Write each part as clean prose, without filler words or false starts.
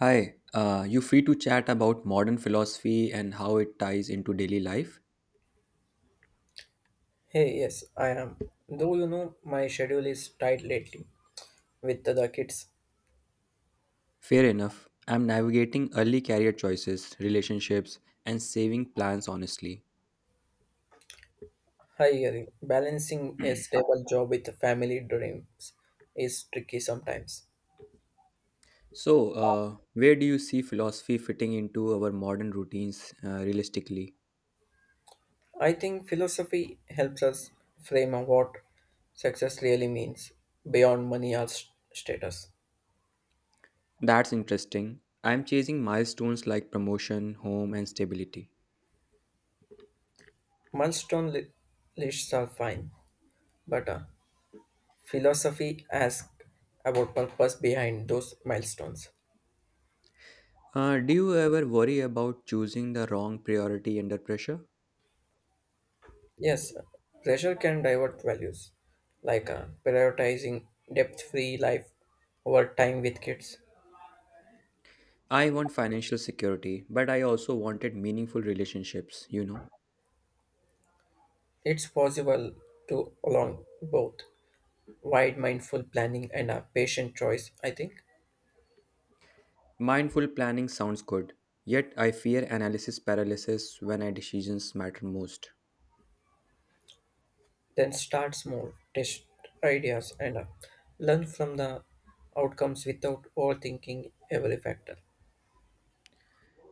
You free to chat about modern philosophy and how it ties into daily life? Hey, yes, I am. Though my schedule is tight lately with the kids. Fair enough. I'm navigating early career choices, relationships, and saving plans honestly. Hiring, balancing a stable job with family dreams is tricky sometimes. So, where do you see philosophy fitting into our modern routines realistically? I think philosophy helps us frame out what success really means beyond money or status. That's interesting. I'm chasing milestones like promotion, home, and stability. Milestone lists are fine, but philosophy asks about purpose behind those milestones. Do you ever worry about choosing the wrong priority under pressure? Yes, pressure can divert values, like prioritizing depth free life over time with kids. I want financial security, but I also wanted meaningful relationships. It's possible to along both wide mindful planning and a patient choice, I think. Mindful planning sounds good, yet I fear analysis paralysis when our decisions matter most. Then start small, test ideas, and learn from the outcomes without overthinking every factor.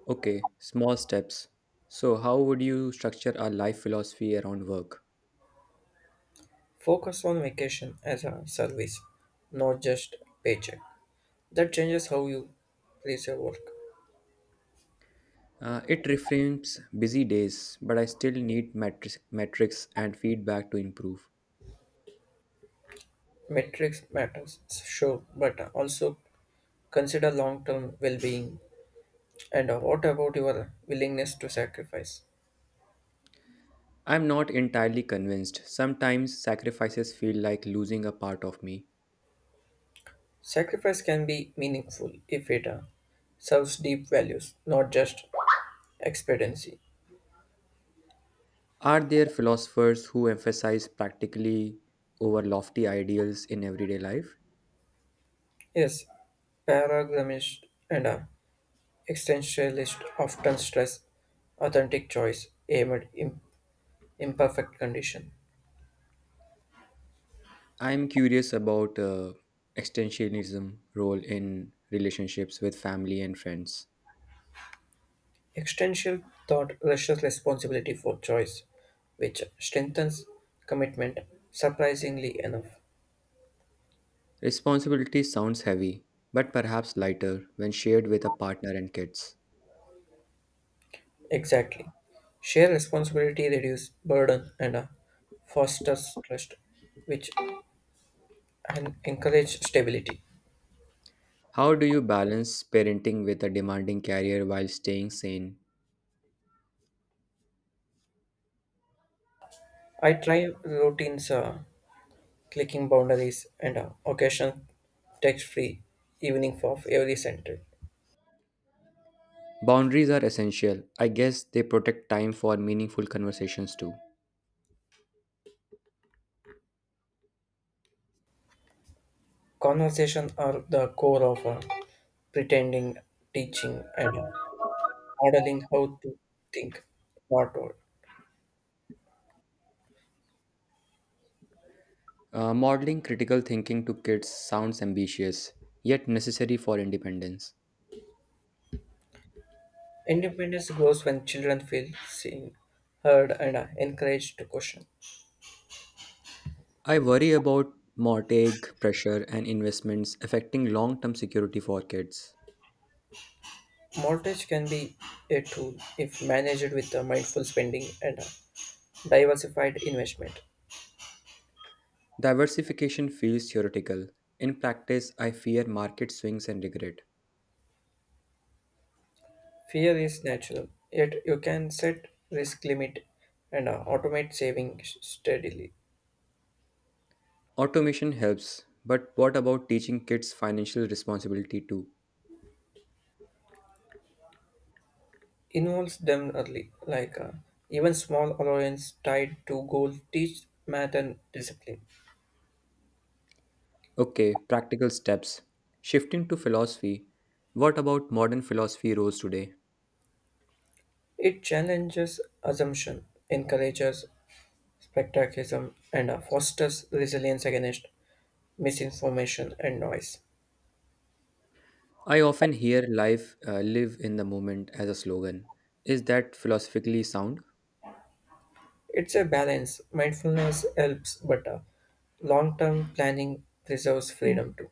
Okay, small steps. So, how would you structure a life philosophy around work? Focus on vacation as a service, not just paycheck. That changes how you place your work. It reframes busy days, but I still need metrics and feedback to improve. Metrics matters, sure, but also consider long-term well-being. And what about your willingness to sacrifice? I'm not entirely convinced. Sometimes sacrifices feel like losing a part of me. Sacrifice can be meaningful if it serves deep values, not just expediency. Are there philosophers who emphasize practically over lofty ideals in everyday life? Yes, paragrammist and existentialist often stress authentic choice aimed at imperfect condition. I'm curious about extensionism role in relationships with family and friends. Existential thought rushes responsibility for choice, which strengthens commitment, surprisingly enough. Responsibility sounds heavy, but perhaps lighter when shared with a partner and kids. Exactly. Share responsibility reduces burden and fosters trust, which and encourage stability. How do you balance parenting with a demanding career while staying sane? I try routines, clicking boundaries, and occasional text-free evening for every century. Boundaries are essential. I guess they protect time for meaningful conversations too. Conversation are the core of pretending, teaching, and modeling how to think, not told. Modeling critical thinking to kids sounds ambitious, yet necessary for independence. Independence grows when children feel seen, heard, and are encouraged to question. I worry about mortgage pressure and investments affecting long term security for kids. Mortgage can be a tool if managed with a mindful spending and a diversified investment. Diversification feels theoretical. In practice, I fear market swings and regret. Fear is natural, yet you can set risk limit and automate saving steadily. Automation helps, but what about teaching kids financial responsibility too? Involves them early, like even small allowance tied to goal teach math and discipline. Okay, practical steps. Shifting to philosophy. What about modern philosophy roles today? It challenges assumption, encourages spectacism, and fosters resilience against misinformation and noise. I often hear life live in the moment as a slogan. Is that philosophically sound? It's a balance. Mindfulness helps, but long-term planning preserves freedom too.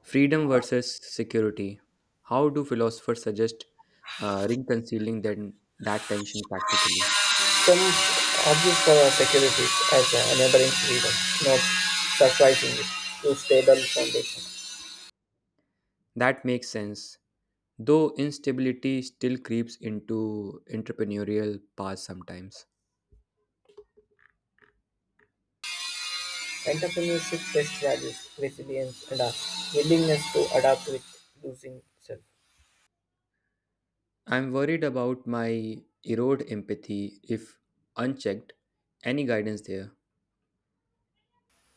Freedom versus security. How do philosophers suggest reconciling then that tension practically? Some argue for our securities as enabling freedom, not surprisingly, to stable foundation. That makes sense, though instability still creeps into entrepreneurial paths sometimes. Entrepreneurship best values resilience and a willingness to adapt with losing self. I'm worried about my erode empathy if unchecked. Any guidance there?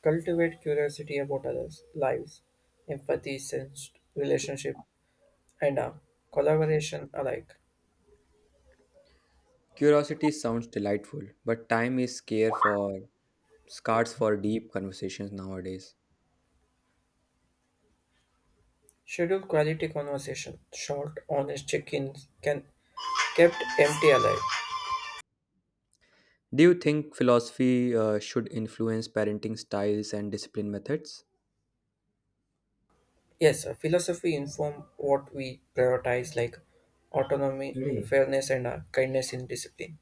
Cultivate curiosity about others' lives, empathy, sense, relationship, and collaboration alike. Curiosity sounds delightful, but time is scarce for deep conversations nowadays. Schedule quality conversation, short, honest check-ins can kept empty alive. Do you think philosophy should influence parenting styles and discipline methods? Yes, philosophy inform what we prioritize like autonomy, really, fairness, and kindness in discipline.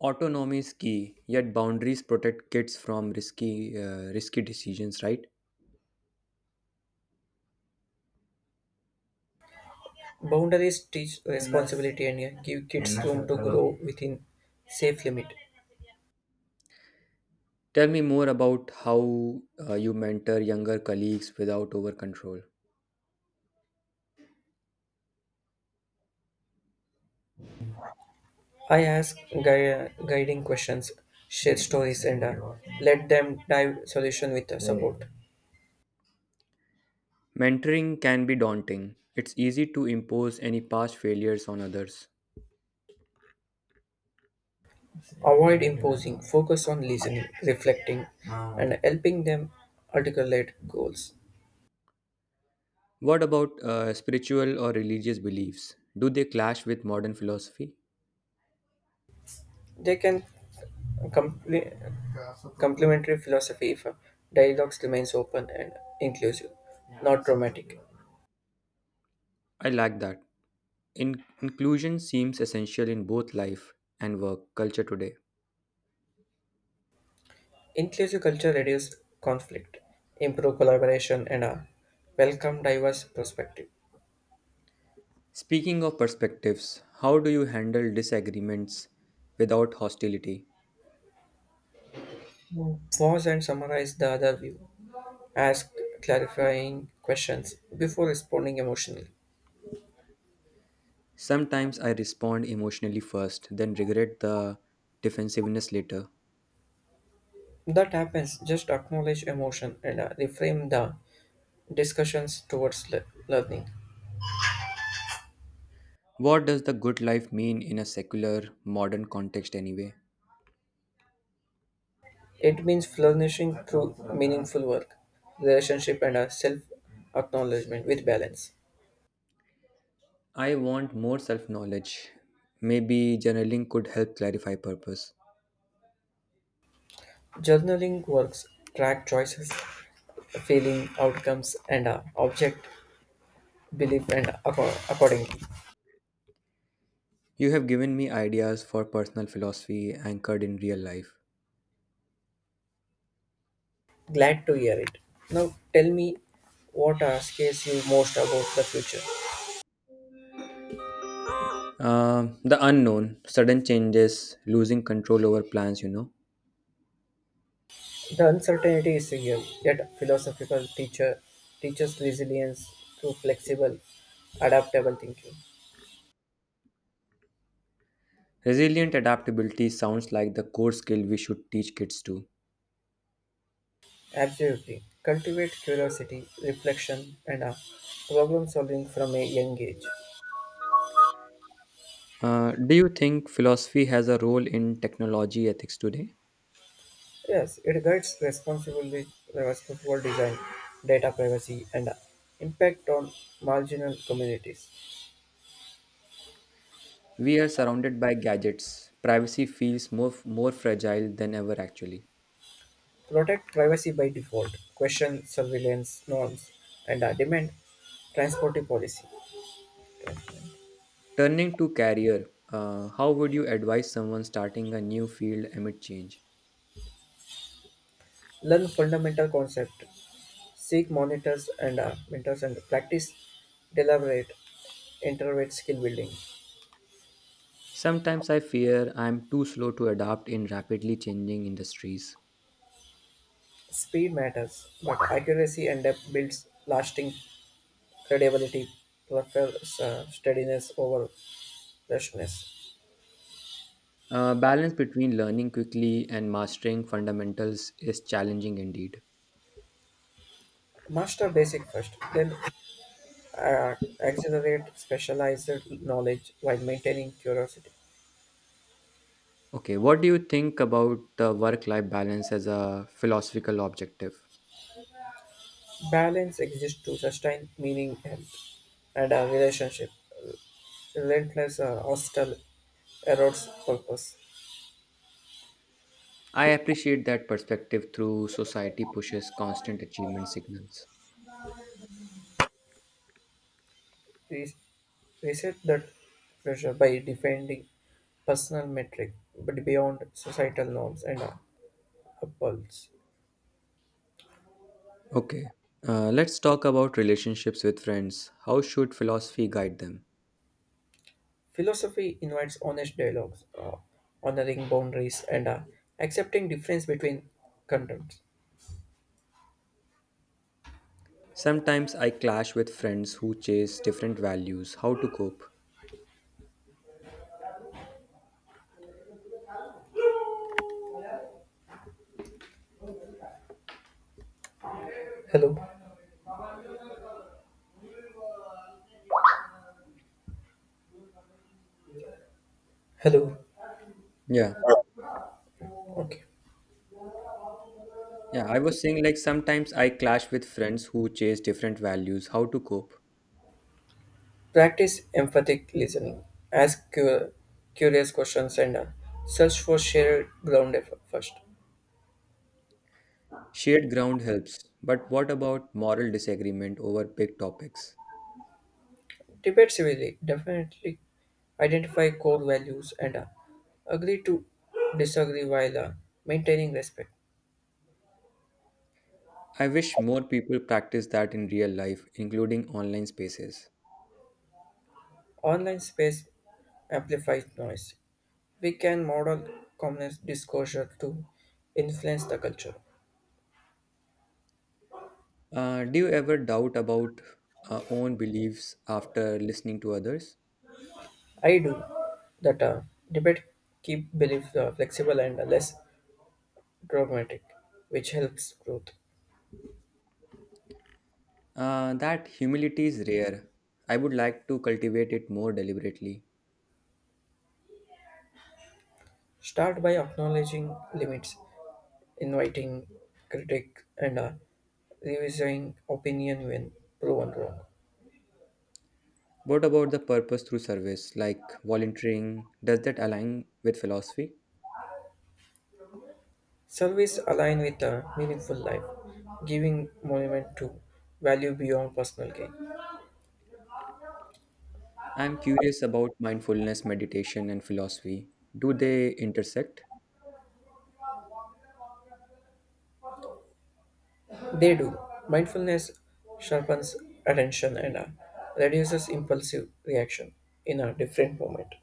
Autonomy is key, yet boundaries protect kids from risky decisions. Right? Boundaries teach responsibility and give kids room to grow within safe limit. Tell me more about how you mentor younger colleagues without over control. I ask guiding questions, share stories, and let them dive solution with support. Mentoring can be daunting. It's easy to impose any past failures on others. Avoid imposing, focus on listening, reflecting, and helping them articulate goals. What about spiritual or religious beliefs? Do they clash with modern philosophy? They can complete complementary philosophy if dialogues remains open and inclusive, not dramatic. I like that. Inclusion seems essential in both life and work culture today. Inclusive culture reduce conflict, improve collaboration, and welcome diverse perspective. Speaking of perspectives, how do you handle disagreements without hostility? Pause and summarize the other view. Ask clarifying questions before responding emotionally. Sometimes I respond emotionally first, then regret the defensiveness later. That happens, just acknowledge emotion and reframe the discussions towards learning. What does the good life mean in a secular, modern context anyway? It means flourishing through meaningful work, relationship, and a self acknowledgement with balance. I want more self knowledge. Maybe journaling could help clarify purpose. Journaling works track choices, feeling, outcomes, and object, belief, and accordingly. You have given me ideas for personal philosophy anchored in real life. Glad to hear it. Now tell me what scares you most about the future. The unknown, sudden changes, losing control over plans. The uncertainty is real, yet philosophical teacher teaches resilience through flexible, adaptable thinking. Resilient adaptability sounds like the core skill we should teach kids too. Absolutely. Cultivate curiosity, reflection, and problem solving from a young age. Do you think philosophy has a role in technology ethics today? Yes, it guides responsible design, data privacy, and impact on marginal communities. We are surrounded by gadgets. Privacy feels more fragile than ever, actually. Protect privacy by default, question surveillance norms, and demand transportive policy. Turning to career, how would you advise someone starting a new field amid change? Learn fundamental concept. Seek monitors and mentors and practice deliberate intervate skill building. Sometimes I fear I'm too slow to adapt in rapidly changing industries. Speed matters, but accuracy and depth builds lasting credibility, prefers steadiness over freshness. Balance between learning quickly and mastering fundamentals is challenging indeed. Master basic first, then accelerate specialized knowledge while maintaining curiosity. Okay, what do you think about the work life balance as a philosophical objective? Balance exists to sustain meaning, health, and a relationship. Relentless hostile erodes purpose. I appreciate that perspective through society pushes constant achievement signals. Re- reset that pressure by defending personal metric but beyond societal norms and apples. Okay, let's talk about relationships with friends. How should philosophy guide them? Philosophy invites honest dialogues, honoring boundaries and accepting difference between contents. Sometimes I clash with friends who chase different values. How to cope? Hello, hello. Yeah. Okay. Yeah, I was saying like sometimes I clash with friends who chase different values. How to cope? Practice empathic listening. Ask curious questions and search for shared ground at first. Shared ground helps, but what about moral disagreement over big topics? Debate civilly, definitely identify core values and agree to disagree while maintaining respect. I wish more people practice that in real life, including online spaces. Online space amplifies noise. We can model common disclosure to influence the culture. Do you ever doubt about own beliefs after listening to others? I do that debate keep beliefs flexible and less dogmatic, which helps growth. That humility is rare. I would like to cultivate it more deliberately. Start by acknowledging limits inviting critic and revising opinion when proven wrong. What about the purpose through service, like volunteering? Does that align with philosophy? Service align with a meaningful life, giving monument to value beyond personal gain. I'm curious about mindfulness, meditation, and philosophy. Do they intersect? They do. Mindfulness sharpens attention and reduces impulsive reaction in a different moment.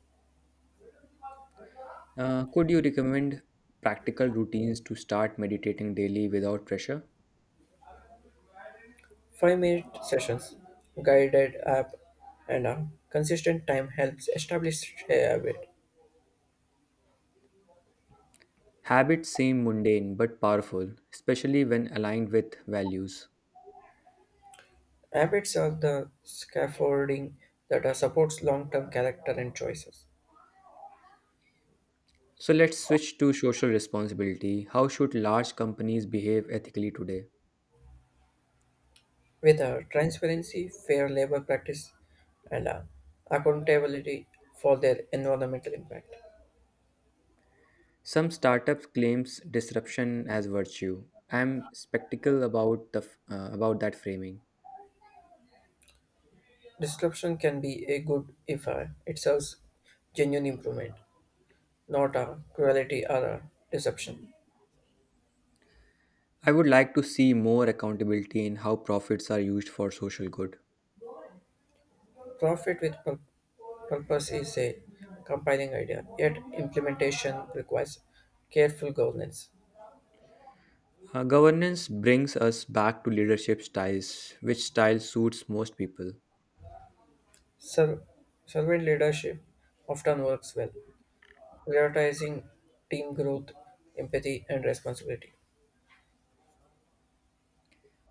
Could you recommend practical routines to start meditating daily without pressure? 5-minute sessions, guided app, and a consistent time helps establish a habit. Habits seem mundane but powerful, especially when aligned with values. Habits are the scaffolding that supports long term character and choices. So let's switch to social responsibility. How should large companies behave ethically today? With transparency, fair labor practice, and accountability for their environmental impact. Some startups claims disruption as virtue. I'm skeptical about about that framing. Disruption can be a good if it serves genuine improvement, not cruelty or deception. I would like to see more accountability in how profits are used for social good. Profit with purpose is a compelling idea, yet implementation requires careful governance. Governance brings us back to leadership styles, which style suits most people. Ser- servant leadership often works well, prioritizing team growth, empathy, and responsibility.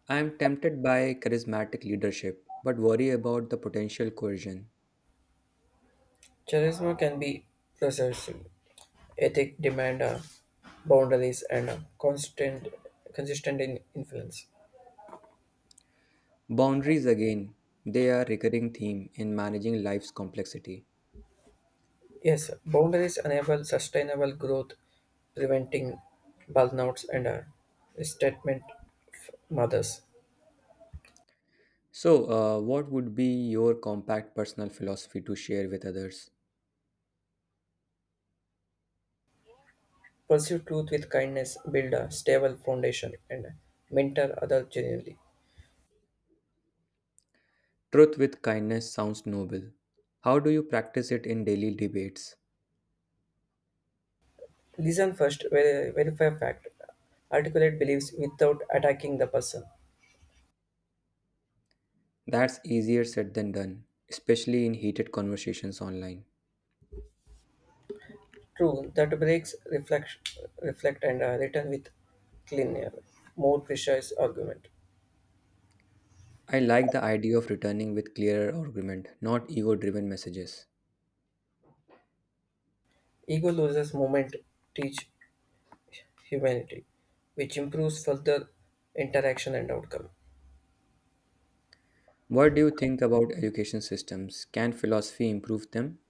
I am tempted by charismatic leadership, but worry about the potential coercion. Charisma can be persuasive. Ethics demand boundaries and constant, consistent in influence. Boundaries again, they are recurring theme in managing life's complexity. Yes, boundaries enable sustainable growth, preventing burnouts and restatement from others. So, what would be your compact personal philosophy to share with others? Pursue truth with kindness, build a stable foundation, and mentor others genuinely. Truth with kindness sounds noble. How do you practice it in daily debates? Listen first, verify fact, articulate beliefs without attacking the person. That's easier said than done, especially in heated conversations online. True, that breaks reflect and return with cleaner, more precise argument. I like the idea of returning with clearer argument, not ego-driven messages. Ego loses moment, teach humanity, which improves further interaction and outcome. What do you think about education systems? Can philosophy improve them?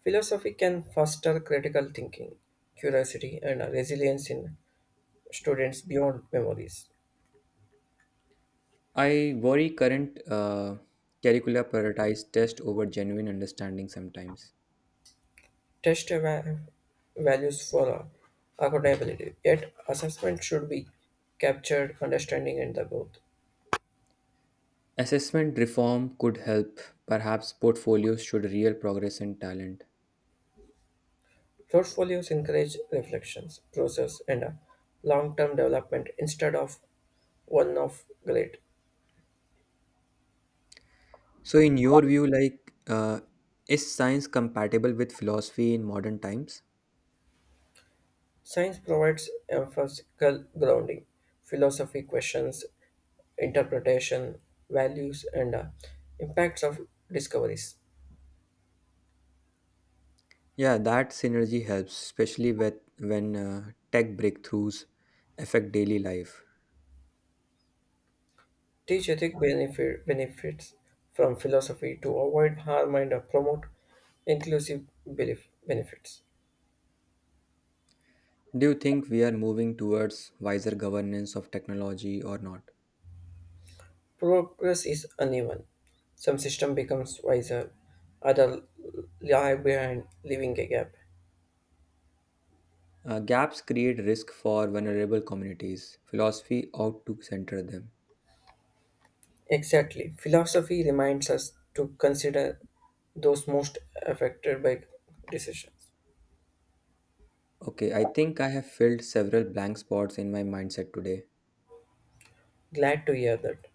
Philosophy can foster critical thinking, curiosity, and resilience in students beyond memories. I worry current curricula prioritize test over genuine understanding sometimes. Test values for accountability, yet assessment should be captured understanding and the both. Assessment reform could help. Perhaps portfolios should real progress and talent. Portfolios encourage reflections, process, and a long-term development instead of one-off grade. So, in your view, is science compatible with philosophy in modern times? Science provides empirical grounding, philosophy questions, interpretation, values, and impacts of discoveries. Yeah, that synergy helps, when tech breakthroughs affect daily life. Teach ethic benefits from philosophy to avoid harm and promote inclusive belief benefits. Do you think we are moving towards wiser governance of technology or not? Progress is uneven. Some system becomes wiser, other lie behind, leaving a gap. Gaps create risk for vulnerable communities. Philosophy ought to center them. Exactly. Philosophy reminds us to consider those most affected by decisions. Okay, I think I have filled several blank spots in my mindset today. Glad to hear that.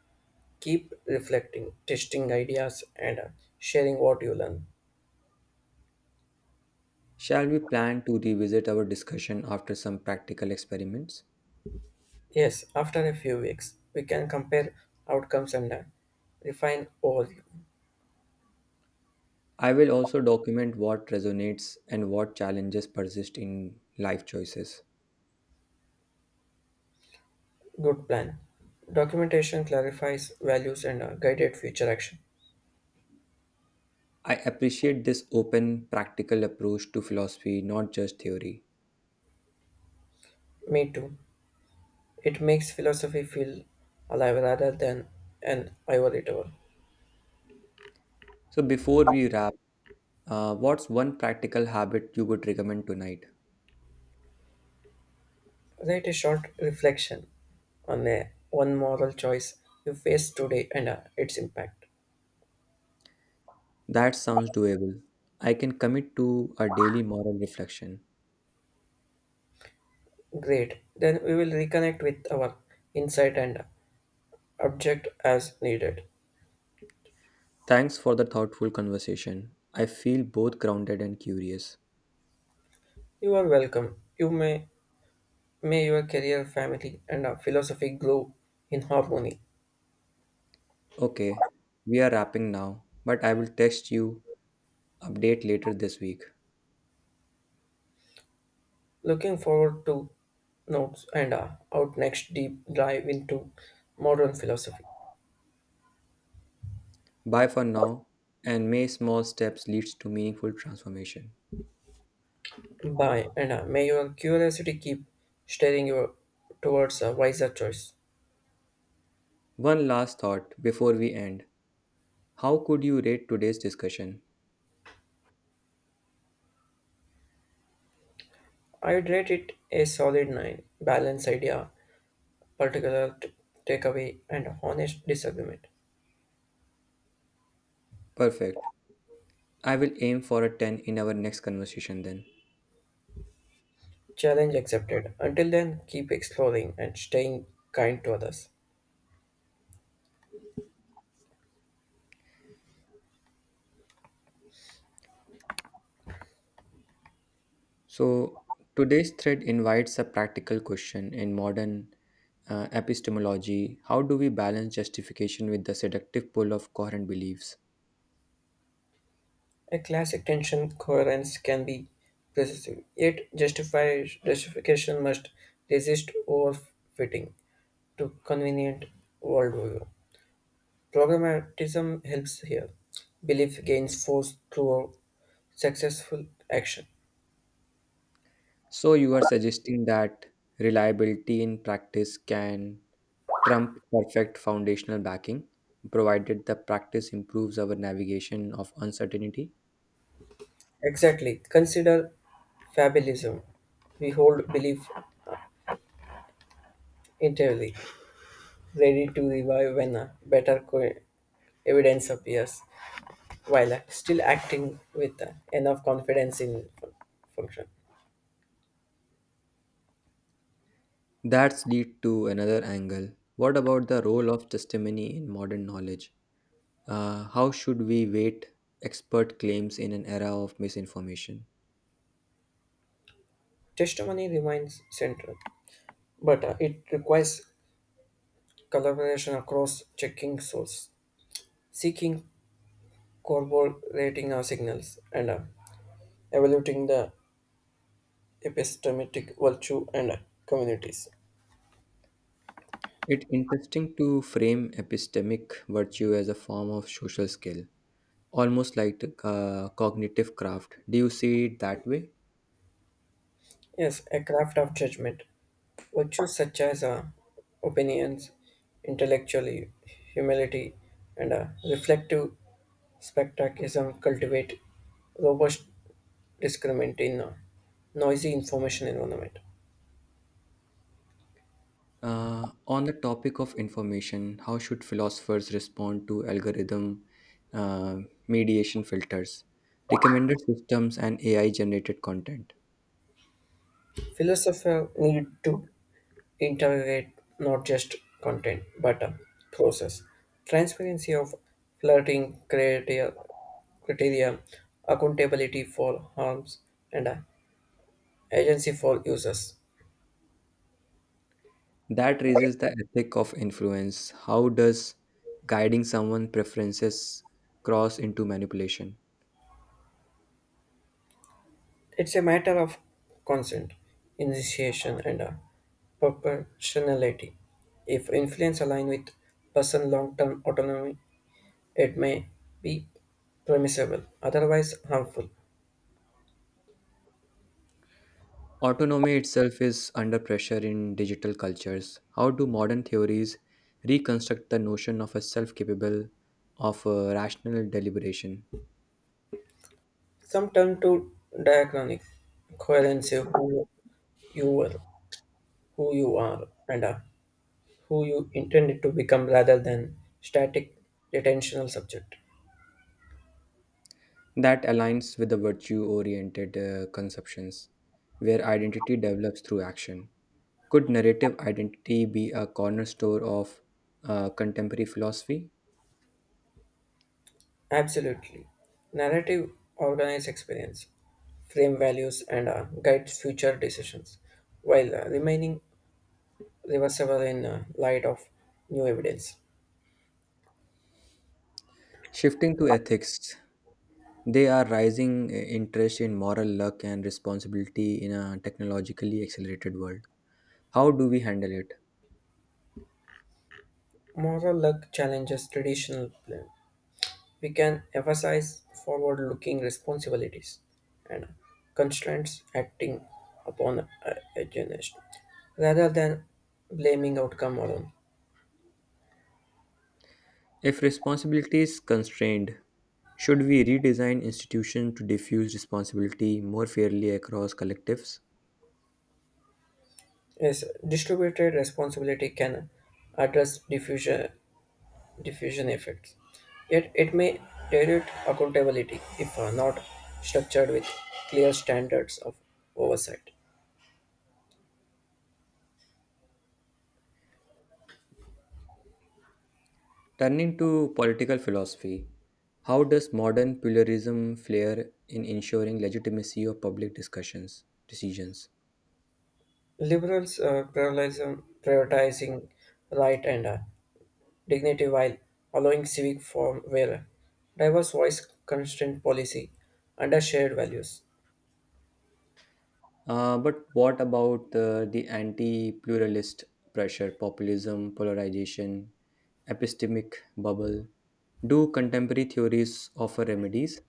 Keep reflecting, testing ideas, and sharing what you learn. Shall we plan to revisit our discussion after some practical experiments? Yes, after a few weeks, we can compare outcomes and learn. Refine all. I will also document what resonates and what challenges persist in life choices. Good plan. Documentation clarifies values and guided future action. I appreciate this open, practical approach to philosophy, not just theory. Me too. It makes philosophy feel alive rather than an ivory tower. So, before we wrap, what's one practical habit you would recommend tonight? Write a short reflection on a one moral choice you face today and its impact. That sounds doable. I can commit to a daily moral reflection. Great. Then we will reconnect with our insight and object as needed. Thanks for the thoughtful conversation. I feel both grounded and curious. You are welcome. You may your career, family, and philosophy grow in harmony. Okay, we are wrapping now, but I will text you update later this week. Looking forward to notes and out next deep dive into modern philosophy. Bye for now, and may small steps leads to meaningful transformation. Bye, and may your curiosity keep steering you towards a wiser choice. One last thought before we end. How could you rate today's discussion? I'd rate it a solid 9. Balanced idea, particular takeaway, and honest disagreement. Perfect. I will aim for a 10 in our next conversation then. Challenge accepted. Until then, keep exploring and staying kind to others. So, today's thread invites a practical question in modern epistemology how do we balance justification with the seductive pull of coherent beliefs? A classic tension coherence can be pervasive, yet justification must resist overfitting to convenient worldview. Programmatism helps here. Belief gains force through successful action. So, you are suggesting that reliability in practice can trump perfect foundational backing, provided the practice improves our navigation of uncertainty? Exactly. Consider fabulism. We hold belief entirely, ready to revive when a better evidence appears, while still acting with enough confidence in function. That's lead to another angle. What about the role of testimony in modern knowledge? How should we weight expert claims in an era of misinformation? Testimony remains central, but it requires collaboration across checking source, seeking corroborating our signals, and evaluating the epistemic virtue and communities. It's interesting to frame epistemic virtue as a form of social skill, almost like cognitive craft. Do you see it that way? Yes, a craft of judgment. Virtues such as opinions, intellectually, humility, and reflective spectacism cultivate robust discernment in a noisy information environment. On the topic of information, how should philosophers respond to algorithm uh, mediation filters, recommender systems, and AI generated content? Philosophers need to interrogate not just content but a process. Transparency of flirting criteria, accountability for harms, and a agency for users. That raises the ethic of influence. How does guiding someone's preferences cross into manipulation? It's a matter of consent, initiation, and a proportionality. If influence align with person long-term autonomy, it may be permissible, otherwise harmful. Autonomy itself is under pressure in digital cultures. How do modern theories reconstruct the notion of a self capable of rational deliberation Some turn to diachronic coherence: who you were, who you are, and are who you intended to become rather than static retentional subject. that aligns with the virtue oriented conceptions where identity develops through action? Could narrative identity be a cornerstone of contemporary philosophy? Absolutely. Narrative organize experience, frame values, and guides future decisions, while remaining reversible in light of new evidence. Shifting to ethics, they are rising interest in moral luck and responsibility in a technologically accelerated world. How do we handle it? Moral luck challenges traditional plan, we can emphasize forward looking responsibilities and constraints acting upon agendas rather than blaming outcome alone. If responsibility is constrained, should we redesign institutions to diffuse responsibility more fairly across collectives? Yes, distributed responsibility can address diffusion effects, yet it may dilute accountability if not structured with clear standards of oversight. Turning to political philosophy, how does modern pluralism flare in ensuring legitimacy of public discussions, decisions? Liberals prioritizing right and dignity while allowing civic form where diverse voice constrained policy under shared values. But what about the anti pluralist pressure, populism, polarization, epistemic bubble? Do contemporary theories offer remedies?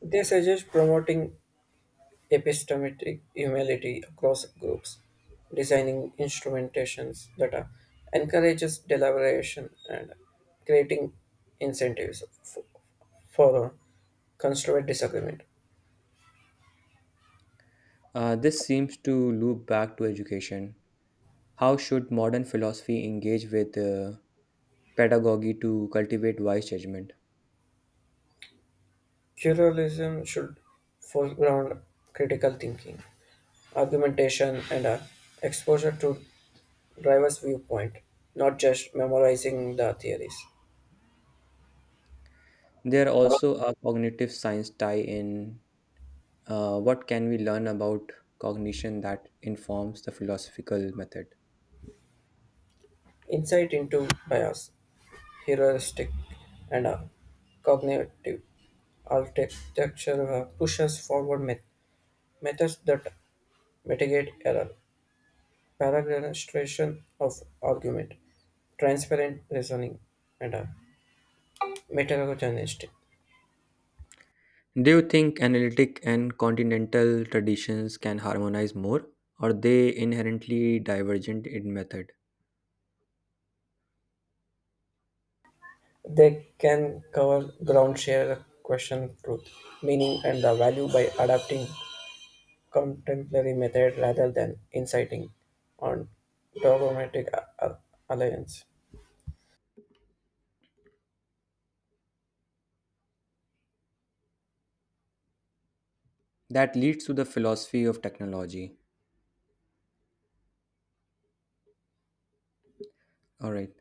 They suggest promoting epistemic humility across groups, designing instrumentations that encourages deliberation and creating incentives for constructive disagreement. This seems to loop back to education. How should modern philosophy engage with pedagogy to cultivate wise judgment? Pluralism should foreground critical thinking, argumentation, and exposure to driver's viewpoint, not just memorizing the theories. There also a cognitive science tie in. What can we learn about cognition that informs the philosophical method? Insight into bias, heuristic, and cognitive architecture pushes forward methods that mitigate error, paragraphisation of argument, transparent reasoning, and metacognition. Do you think analytic and continental traditions can harmonize more, or they inherently divergent in method? They can cover ground, share the question, truth, meaning, and the value by adapting contemporary method rather than inciting on dogmatic alliance. That leads to the philosophy of technology. All right.